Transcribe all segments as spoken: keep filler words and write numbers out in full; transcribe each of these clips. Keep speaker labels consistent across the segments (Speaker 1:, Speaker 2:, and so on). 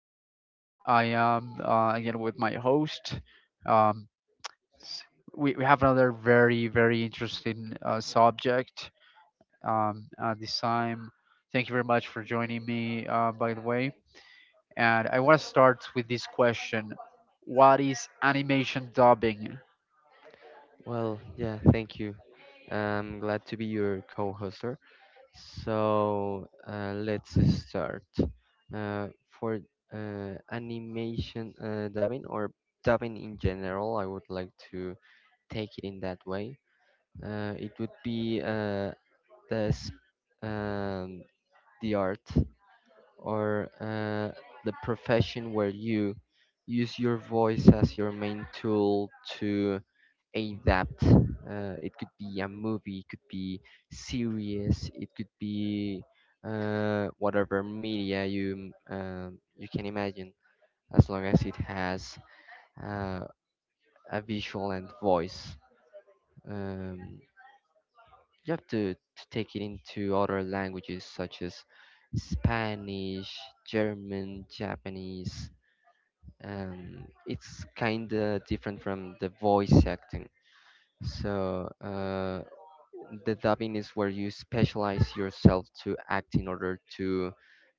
Speaker 1: time I am uh, again with my host. Um, s- we, we have another very, very interesting uh, subject um, uh, this time. Thank you very much for joining me, uh, by the way. And I want to start with this question. What is animation dubbing?
Speaker 2: Well, yeah, thank you. I'm glad to be your co-hoster. So uh, let's start. Uh, for uh, animation uh, dubbing or dubbing in general, I would like to take it in that way. Uh, it would be uh, the s- um, the art or uh, the profession where you use your voice as your main tool to adapt. Uh, it could be a movie, it could be series, it could be uh, whatever media you um, you can imagine, as long as it has uh, a visual and voice. Um, you have to, to take it into other languages such as Spanish, German, Japanese. Um, it's kind of different from the voice acting. So, uh, the dubbing is where you specialize yourself to act in order to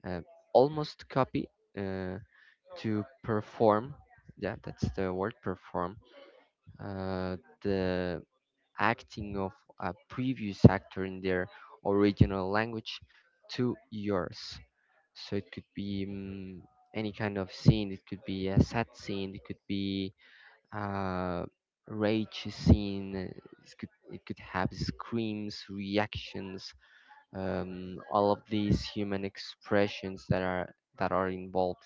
Speaker 2: uh, almost copy, uh, to perform. Yeah, that's the word, perform. Uh, the acting of a previous actor in their original language to yours. So it could be mm, any kind of scene, it could be a sad scene, it could be uh, rage scene. uh, It could, it could have screams, reactions, um, all of these human expressions that are that are involved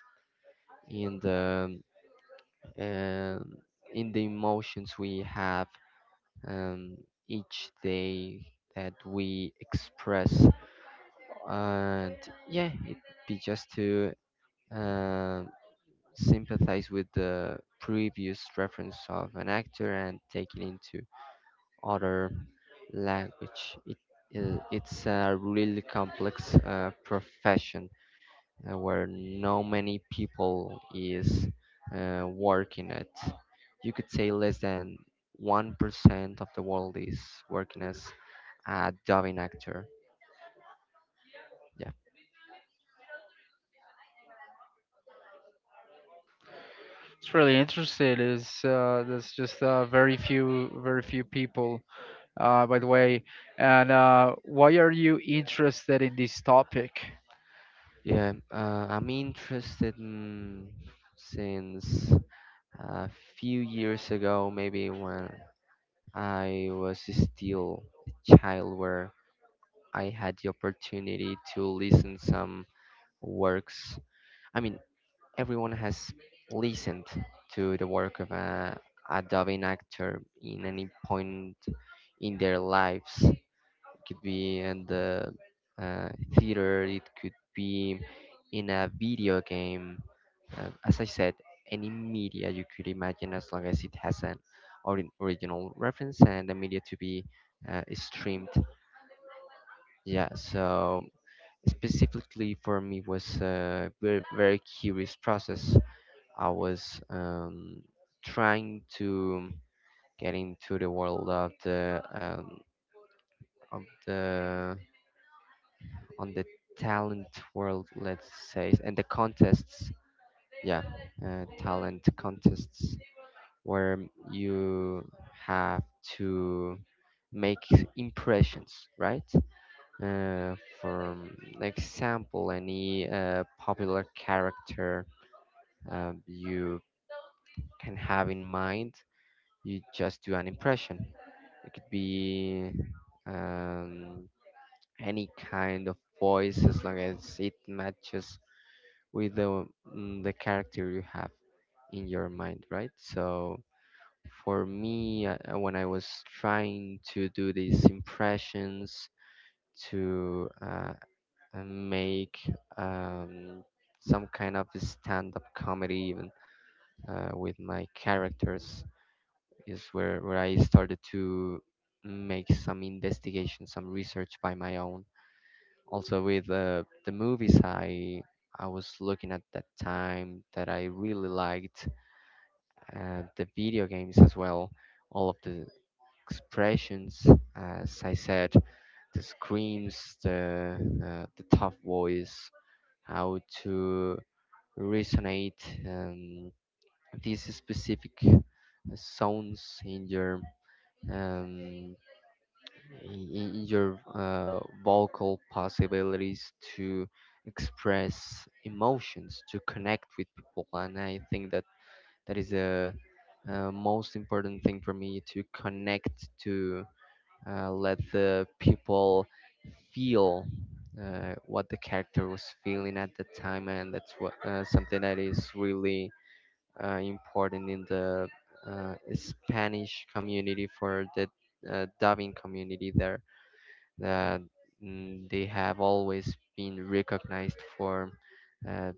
Speaker 2: in the um, in the emotions we have um, each day that we express. And yeah, it'd be just to um, sympathize with the previous reference of an actor and take it into other language. It, i- it's a really complex uh, profession uh, where no many people is uh, working it. You could say less than one percent of the world is working as a dubbing actor. Yeah.
Speaker 1: It's really interesting. Is uh, There's just uh, very few, very few people. Uh, by the way, and uh, why are you interested in this topic?
Speaker 2: Yeah, uh, I'm interested in since a few years ago, maybe when I was still a child, where I had the opportunity to listen some works. I mean, everyone has listened to the work of a, a dubbing actor in any point in their lives. It could be in the uh, theater, it could be in a video game. Uh, as I said, any media you could imagine, as long as it has an ori- original reference and the media to be uh, streamed. Yeah, so specifically for me was a very, very curious process. I was um, trying to get into the world of the um, of the on the talent world, let's say, and the contests. Yeah, uh, talent contests where you have to make impressions, right? Uh, for example, any uh, popular character um, you can have in mind. You just do an impression. It could be um, any kind of voice as long as it matches with the mm, the character you have in your mind, right? So for me, uh, uh, when I was trying to do these impressions to uh, uh, make um, some kind of stand-up comedy even uh, with my characters is where where I started to make some investigation, some research by my own. Also with uh, the movies I I was looking at that time that I really liked, uh, the video games as well, all of the expressions, as I said, the screams, the uh, the tough voice, how to resonate um, these specific sounds in your um, in in your uh, vocal possibilities to express emotions, to connect with people. And I think that that is a, uh most important thing for me, to connect, to uh, let the people feel uh, what the character was feeling at the time. And that's what uh, something that is really uh, important in the uh, Spanish community, for the uh, dubbing community there, that mm, they have always been recognized for uh,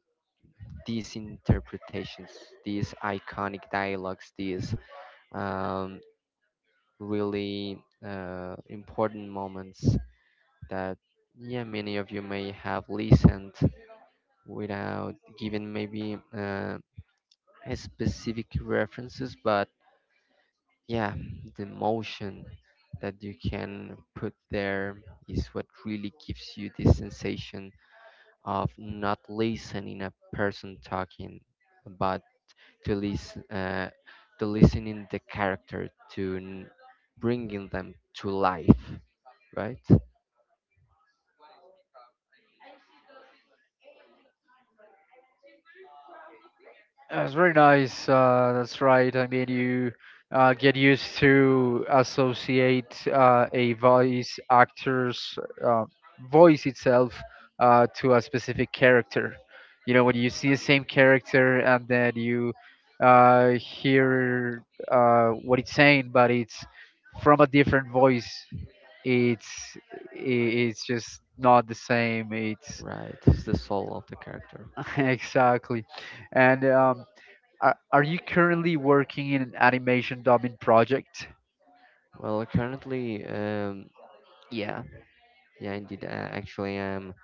Speaker 2: these interpretations, these iconic dialogues, these um, really uh, important moments that yeah, many of you may have listened without giving maybe uh, a specific references, but yeah, the emotion that you can put there is what really gives you the sensation of not listening a person talking, but to listen, uh, to listening the character, to n- bringing them to life, right?
Speaker 1: That's very nice. Uh, that's right. I mean, you uh, get used to associate uh, a voice actor's uh, voice itself uh, to a specific character. You know, when you see the same character and then you uh, hear uh, what it's saying, but it's from a different voice. It's i- it's just not the same. It's
Speaker 2: Right, it's the soul of the character.
Speaker 1: exactly, and um, are, are you currently working in an animation dubbing project?
Speaker 2: Well, currently, um, yeah, yeah, indeed. Uh, actually, I'm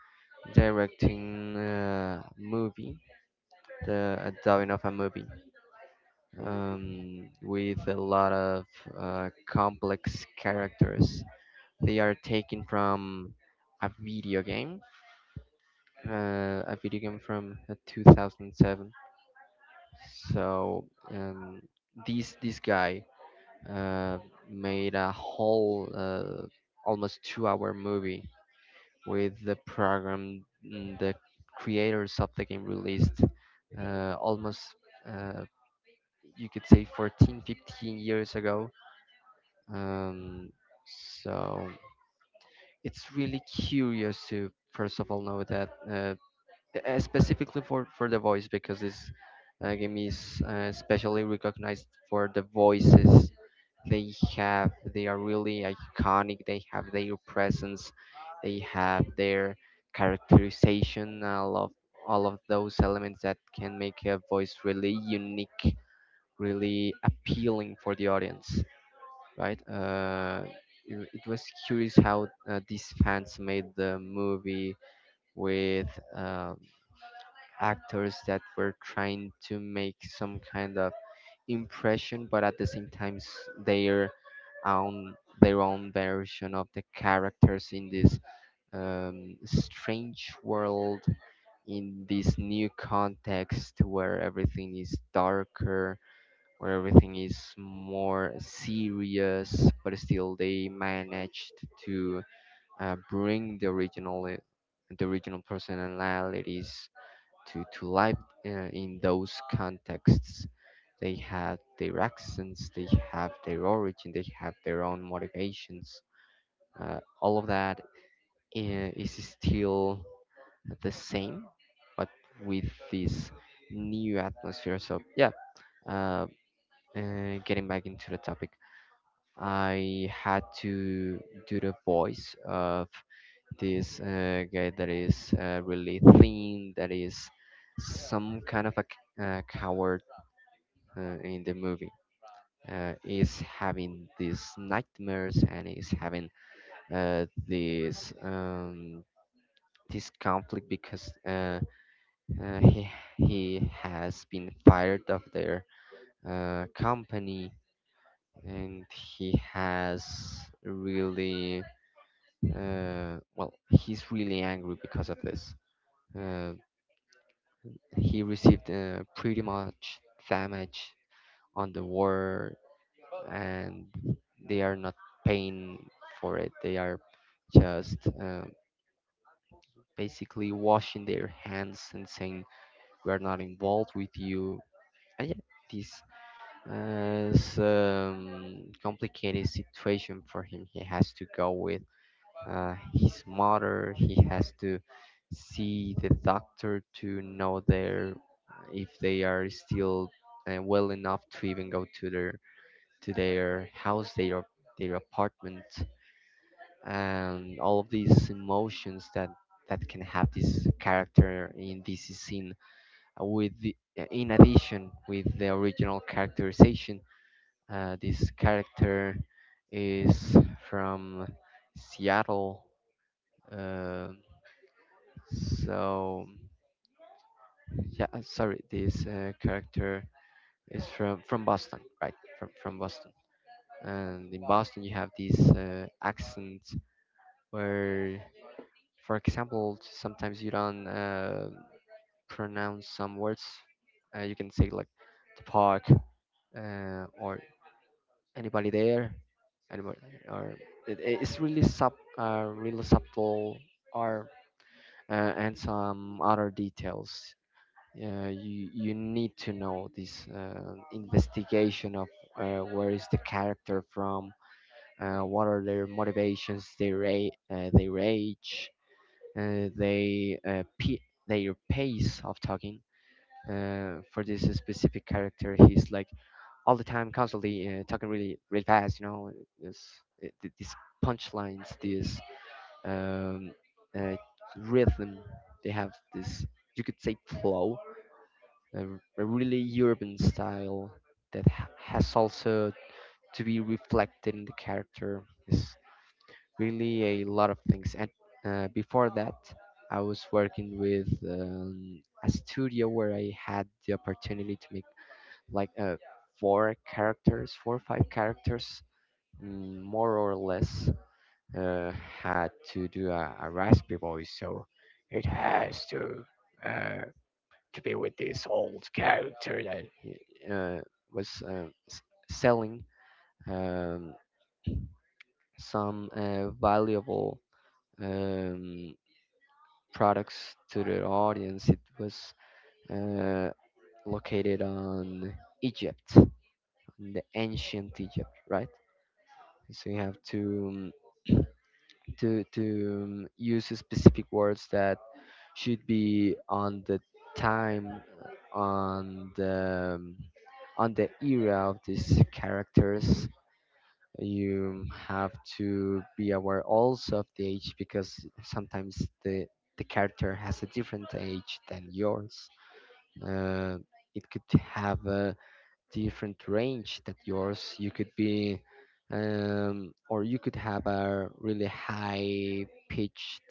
Speaker 2: directing a movie, the a dubbing of a movie, um, with a lot of uh, complex characters. They are taken from a video game, uh, a video game from uh, two thousand seven. So um, this this guy uh, made a whole uh, almost two hour movie with the program, mm, the creators of the game released uh, almost uh, you could say fourteen, fifteen years ago. Um, so it's really curious to, first of all, know that uh, uh, specifically for for the voice, because this uh, game is uh, especially recognized for the voices they have. They are really iconic. They have their presence. They have their characterization. All of all of those elements that can make a voice really unique, really appealing for the audience, right? Uh, you- it was curious how uh, these fans made the movie with um actors that were trying to make some kind of impression, but at the same time s- their own their own version of the characters in this um, strange world, in this new context where everything is darker, where everything is more serious, but still they managed to uh, bring the original uh, the original personalities to to life uh, in those contexts. They have their accents, they have their origin, they have their own motivations. Uh, all of that i- is still the same, but with this new atmosphere. So yeah, uh, uh, getting back into the topic, I had to do the voice of this uh, guy that is uh, really thin, that is some kind of a c- uh, coward uh, in the movie. Uh, is having these nightmares and is having uh, this um, this conflict because uh, uh, he he has been fired of their uh, company, and he has really, Uh, well, he's really angry because of this. Uh, he received uh, pretty much damage on the war, and they are not paying for it. They are just uh, basically washing their hands and saying, "We are not involved with you." And yeah, this uh, is um, complicated situation for him. He has to go with uh, his mother. He has to see the doctor to know their if they are still uh, well enough to even go to their to their house, their their apartment, and all of these emotions that that can have this character in this scene. Uh, With the, uh, in addition, with the original characterization, uh, this character is from Seattle. Uh, So yeah, uh, sorry, this uh, character is from from Boston, right? From from Boston, and in Boston you have these uh, accents where, for example, sometimes you don't uh, pronounce some words. Uh, you can say like "the park," uh, or "anybody there," "anybody," or it, it- it's really sub uh, really subtle, or uh, and some other details. Yeah, you you need to know this uh, investigation of uh, where is the character from, uh, what are their motivations, their ra- uh, their age, uh, they uh, p- their pace of talking. Uh, for this specific character, he's like all the time, constantly uh, talking really really fast. You know, this it- th- these punchlines, this um, uh, rhythm. They have this, you could say, flow, a, r- a really urban style that h- has also to be reflected in the character. It's really a lot of things. And uh, before that, I was working with um, a studio where I had the opportunity to make like uh, four characters, four or five characters, mm, more or less, uh, had to do a, a raspy voice. So it has to, uh, to be with this old character that uh, was uh, s- selling um, some uh, valuable um, products to the audience. It was uh, located on Egypt, on the ancient Egypt, right? So you have to um, to to um, use specific words that should be on the time, on the um, on the era of these characters. You have to be aware also of the age, because sometimes the the character has a different age than yours. uh, it could have a different range that yours. You could be, um, or you could have a really high pitched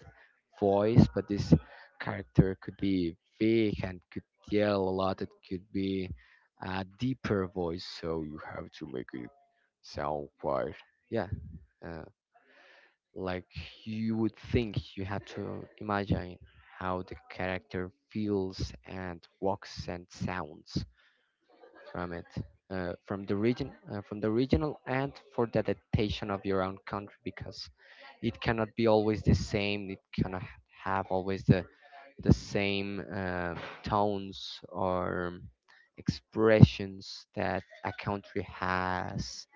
Speaker 2: voice, but this character could be big and could yell a lot. It could be a deeper voice, so you have to make it sound quite, yeah, uh, like you would think. You have to imagine how the character feels and walks and sounds from it, uh, from the region, uh, from the regional, and for the adaptation of your own country, because it cannot be always the same. It cannot h- have always the the same uh, tones or expressions that a country has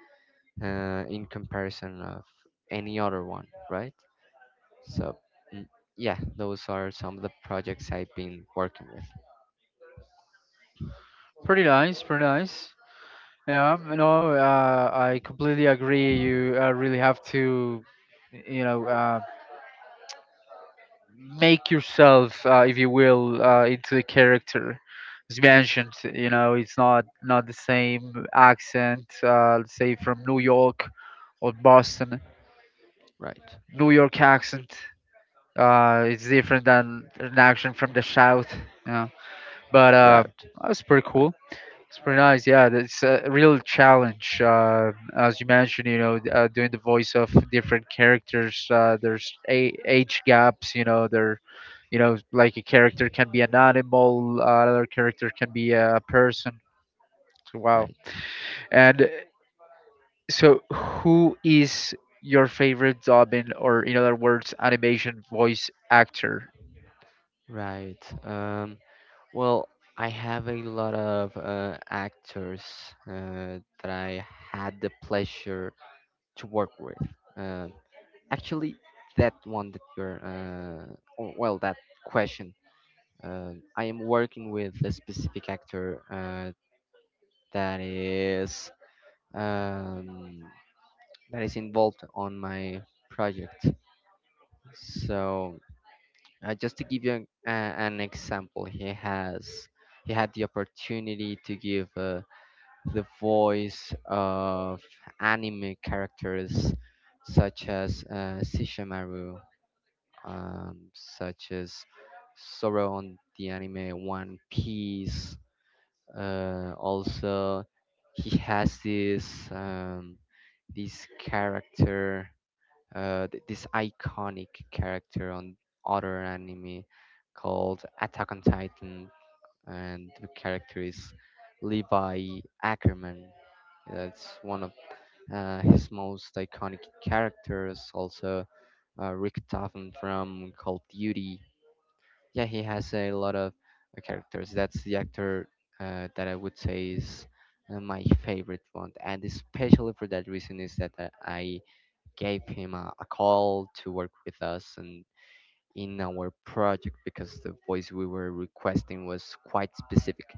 Speaker 2: uh, in comparison of any other one, right? So. mm, Yeah, those are some of the projects I've been working with.
Speaker 1: Pretty nice, pretty nice. Yeah, you know, uh, I completely agree. You uh, really have to, you know, uh, make yourself, uh, if you will, uh, into the character. As mentioned, you know, it's not not the same accent. Uh, let's say from New York or Boston,
Speaker 2: Right,
Speaker 1: New York accent. Uh, it's different than an accent from the South. You know, but uh,
Speaker 2: right,
Speaker 1: that's pretty
Speaker 2: right,
Speaker 1: cool. It's pretty nice. Yeah, that's a real challenge. Uh, as you mentioned, you know, uh, doing the voice of different characters. Uh, there's a- age gaps. You know, there, you know, like a character can be an animal, uh, another character can be a person. So, wow.
Speaker 2: right.
Speaker 1: And uh, so, who is your favorite dubbing, or in other words, animation voice actor?
Speaker 2: Right. Um, Well, I have a lot of uh, actors uh, that I had the pleasure to work with. Uh, Actually, that one that you're, uh, w- well, that question. Uh, I am working with a specific actor uh, that is um, that is involved on my project. So, uh, just to give you an, uh, an example, he has he had the opportunity to give. Uh, the voice of anime characters such as uh, Sishamaru, um, such as Sora on the anime One Piece. Uh, also, he has this um, this character, uh, th- this iconic character on other anime called Attack on Titan, and the character is Levi Ackerman. That's one of uh, his most iconic characters. Also, uh, Rick Topham from Call of Duty. Yeah, he has a lot of uh, characters. That's the actor uh, that I would say is uh, my favorite one, and especially for that reason is that uh, I gave him a, a call to work with us and in our project because the voice we were requesting was quite specific.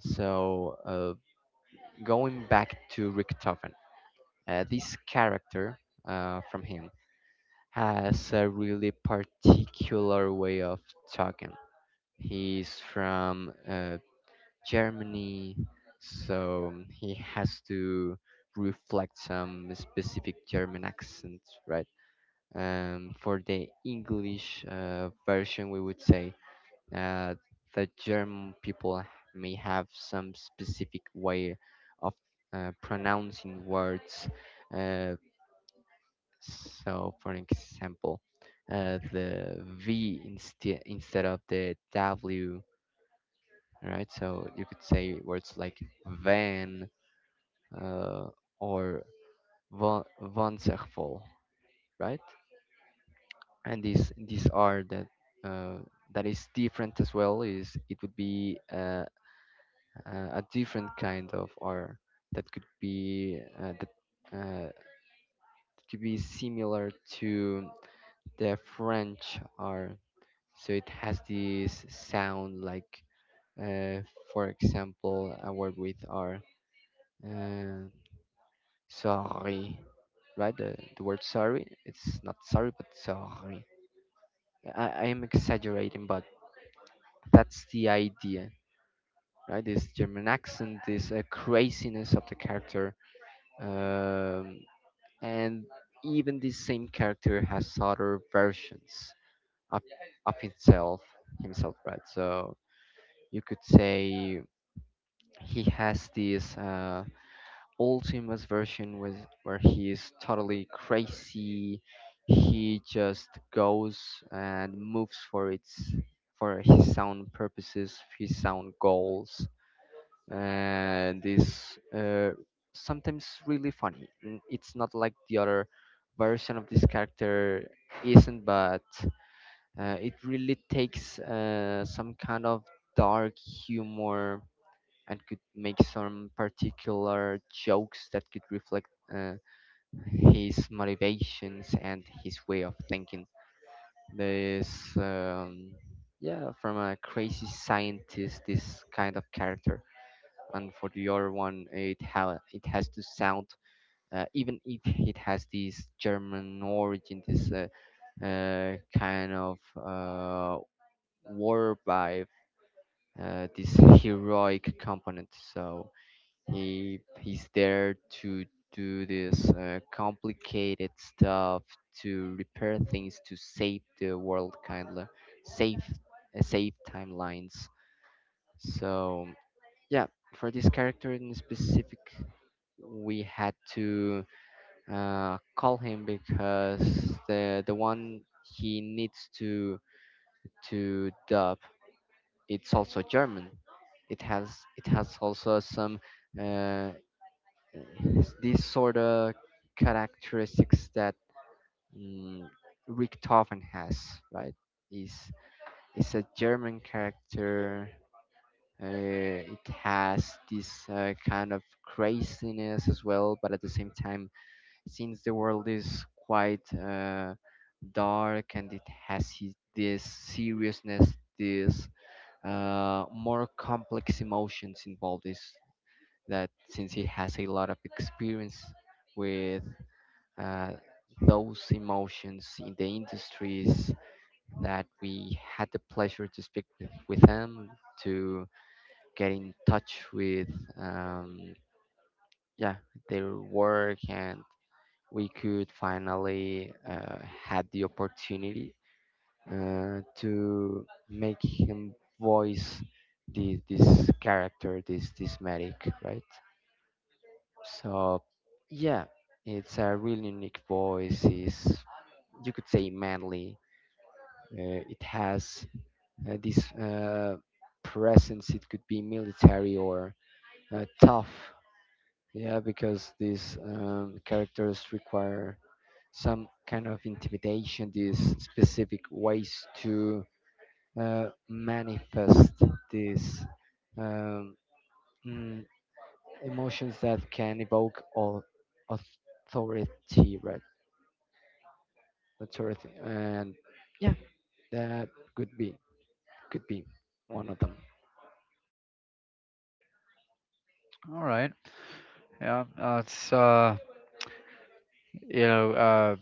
Speaker 2: So, uh, going back to Rick Topham. Uh, this character uh, from him has a really particular way of talking. He's from uh, Germany, so he has to reflect some specific German accent, right? Um, for the English uh, version, we would say uh, the German people may have some specific way of uh, pronouncing words uh, So, for example, uh, the V instead instead of the W, right? So you could say words like van uh, or van waanzinnig, right? And these these are that uh, that is different as well. Is it would be uh, uh, a different kind of R that could be uh, that uh, could be similar to the French R, so it has this sound like, uh, for example, a word with r, uh, sorry, right, the, the word sorry. It's not sorry but sorry. I i am exaggerating, but that's the idea, right? This German accent, this uh, craziness of the character. um, and even this same character has other versions of, of himself himself, right? So you could say he has this uh, ultimate version with where he is totally crazy. He just goes and moves for its for his sound purposes, his sound goals, and is uh, sometimes really funny. N- It's not like the other version of this character isn't, but uh, it really takes uh, some kind of dark humor and could make some particular jokes that could reflect uh, his motivations and his way of thinking. This, um, yeah, from a crazy scientist, this kind of character. And for the other one, it ha- it has to sound, uh, even if it has this German origin, this uh, uh, kind of uh, war vibe, uh, this heroic component. So He he's there to do this uh, complicated stuff, to repair things, to save the world, kind of save uh, save timelines. So yeah, for this character in specific, we had to uh, call him because the the one he needs to to dub, it's also German. It has it has also some uh, uh, It's these sort of characteristics that, mm, Richthofen has, right? Is It's a German character. Uh, it has this uh, kind of craziness as well, but at the same time, since the world is quite uh, dark and it has his, this seriousness, this uh, more complex emotions involved, is that since he has a lot of experience with uh, those emotions in the industries, that we had the pleasure to speak with, with them, to get in touch with, um, yeah, their work, and we could finally uh, had the opportunity uh, to make him voice the, this character, this this medic, right? So yeah, it's a really unique voice. Is You could say manly. Uh, it has uh, this uh, presence. It could be military or uh, tough. Yeah, because these um, characters require some kind of intimidation. These specific ways to uh, manifest these um, mm, emotions that can evoke all authority, right? Authority, and yeah, that could be could be one of them.
Speaker 1: All right. Yeah, that's uh, you know, uh,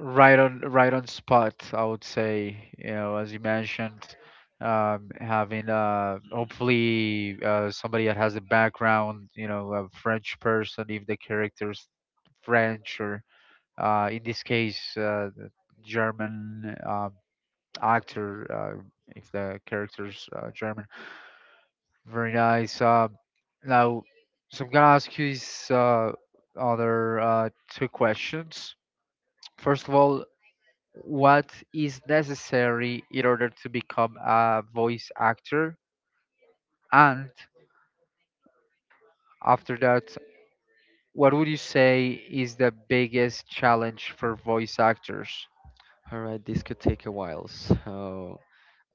Speaker 1: right on, right on spot, I would say. You know, as you mentioned, um having uh hopefully uh somebody that has a background, you know, a French person if the character's French, or uh in this case uh the German uh, actor, uh, if the character's uh, German. Very nice. um now, so I'm gonna ask you these uh other uh two questions. First of all, what is necessary in order to become a voice actor? And after that, what would you say is the biggest challenge for voice actors?
Speaker 2: All right, this could take a while. So,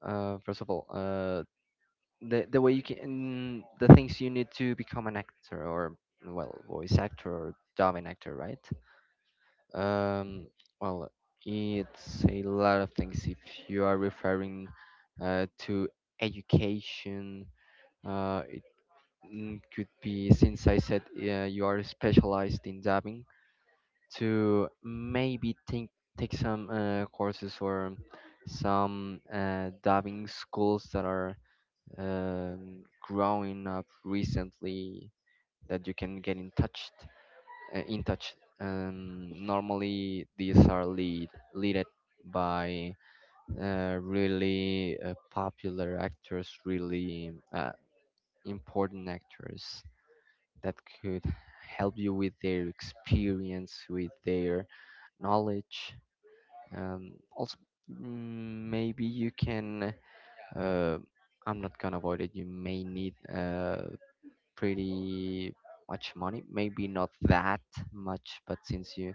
Speaker 2: uh, first of all, uh, the the way you can, the things you need to become an actor or well, voice actor or dubbing actor, right? Um, well, it's a lot of things. If you are referring uh, to education, uh, it, mm, could be, since I said uh, you are specialized in dubbing, to maybe think, take some uh, courses or some uh, diving schools that are um, growing up recently, that you can get in touch uh, in touch um, normally these are lead leaded by uh, really uh, popular actors, really uh, important actors that could help you with their experience, with their knowledge. Um, also, mm, maybe you can. Uh, I'm not gonna avoid it. You may need uh, pretty much money. Maybe not that much, but since you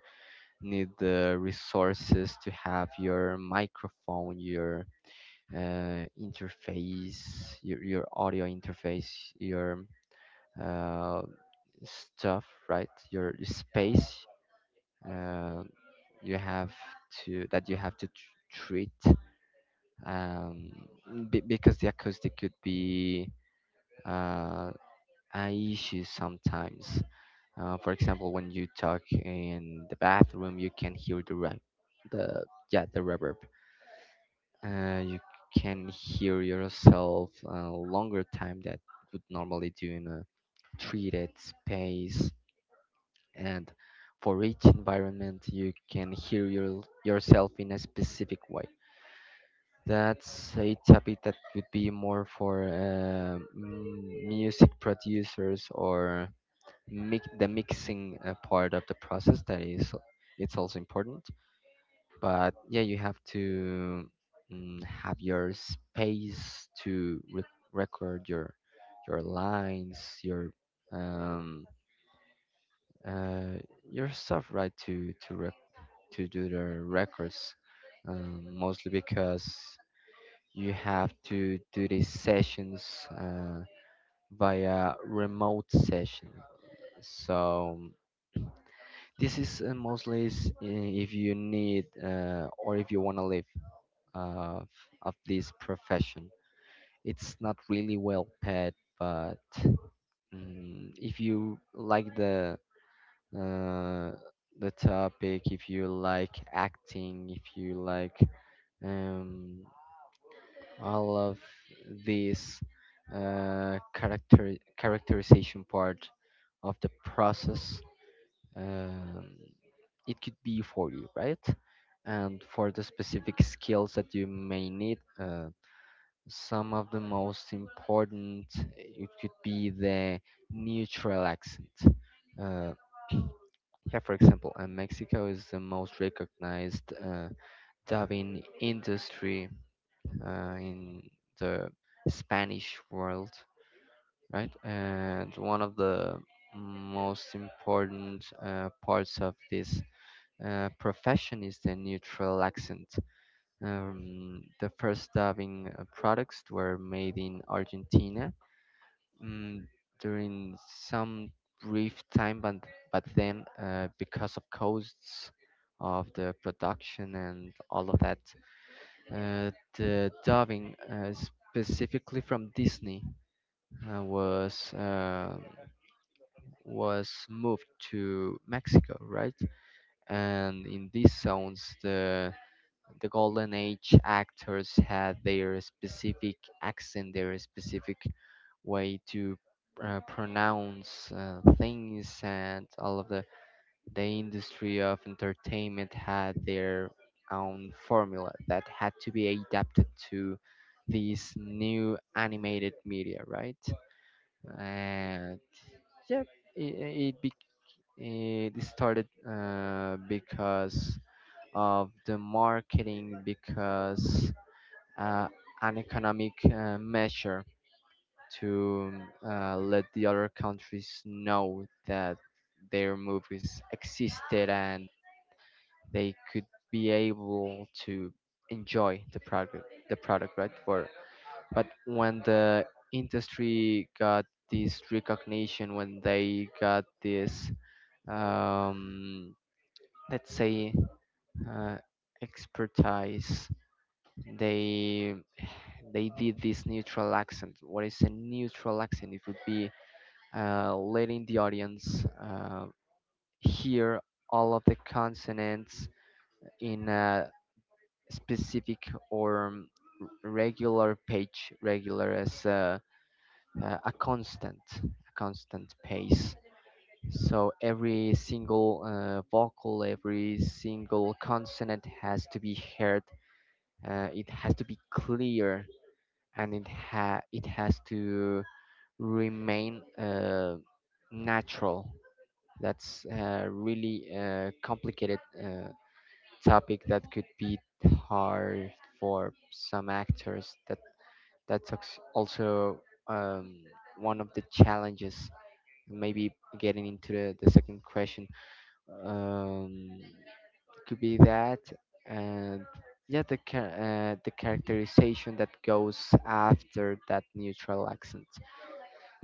Speaker 2: need the resources to have your microphone, your uh, interface, your your audio interface, your uh, stuff, right? Your space. Uh, you have to that you have to tr- treat. Um, b- because the acoustic could be uh, an issue sometimes. Uh, for example, when you talk in the bathroom, you can hear the re- the yeah, the reverb. Uh, you can hear yourself a longer time that would normally do in a treated space. And for each environment, you can hear your, yourself in a specific way. That's a topic that would be more for uh, m- music producers or mix the mixing uh, part of the process. That is, it's also important. But yeah, you have to, mm, have your space to re- record your your lines, your um, uh, your stuff, right? To to rec- to do the records, um, mostly because you have to do these sessions uh, via remote session. So this is uh, mostly s- i- if you need uh, or if you want to live uh, f- of this profession. It's not really well paid, but, mm, if you like the uh, the topic, if you like acting, if you like, um, all of this uh, character characterization part of the process, um, it could be for you, right? And for the specific skills that you may need, uh, some of the most important, it could be the neutral accent, uh, yeah, for example, uh, Mexico is the most recognized uh, dubbing industry uh, in the Spanish world, right? And one of the most important uh, parts of this uh, profession is the neutral accent. Um, the first dubbing uh, products were made in Argentina, mm, during some brief time, but, but then uh, because of costs of the production and all of that, uh, the dubbing, uh, specifically from Disney, uh, was uh, was moved to Mexico, right? And in these zones, the the golden age actors had their specific accent, their specific way to uh, pronounce uh, things, and all of the the industry of entertainment had their own formula that had to be adapted to this new animated media, right? And yeah, it, it, be, it started uh, because of the marketing, because uh, an economic uh, measure to uh, let the other countries know that their movies existed and they could be able to enjoy the product the product, right? for But when the industry got this recognition, when they got this, um, let's say, uh, expertise, they they did this neutral accent. What is a neutral accent? It would be uh, letting the audience uh, hear all of the consonants in a specific or, um, r- regular page, regular as a, a a constant, a constant pace. So every single uh, vocal, every single consonant has to be heard. Uh, it has to be clear, and it ha it has to remain uh, natural. That's a really uh, complicated uh, topic that could be hard for some actors. That That's act- also, um, one of the challenges. Maybe getting into the, the second question, um, could be that, and yeah, the cha- uh, the characterization that goes after that neutral accent.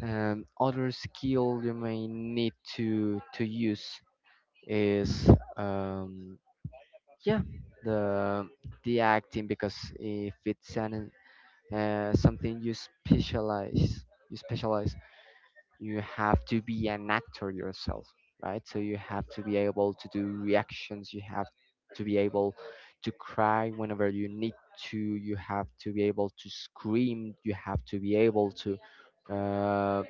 Speaker 2: Um, other skill you may need to to use is, um, yeah, the the acting, because if it's an uh, something you specialize you specialize, you have to be an actor yourself, right? So you have to be able to do reactions, you have to be able to cry whenever you need to, you have to be able to scream, you have to be able to uh,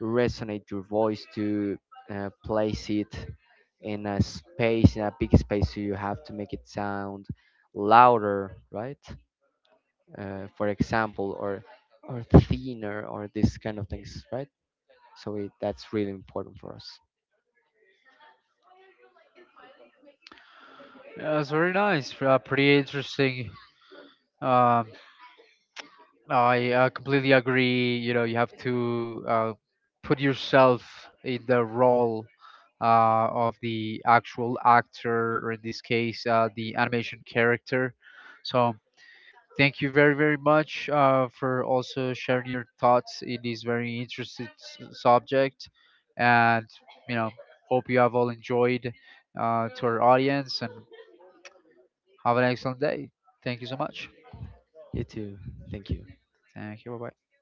Speaker 2: resonate your voice to uh, place it in a space, in a big space, so you have to make it sound louder, right? Uh, for example, or or thinner, or this kind of things, right? So it, that's really important for us.
Speaker 1: Yeah, it's very nice, uh, pretty interesting. Um, I uh, completely agree. You know, you have to uh, put yourself in the role uh, of the actual actor, or in this case, uh, the animation character. So thank you very, very much uh, for also sharing your thoughts in this very interesting s- subject. And, you know, hope you have all enjoyed uh, to our audience and have an excellent day. Thank you so much.
Speaker 2: You too. Thank you.
Speaker 1: Thank you. Bye bye.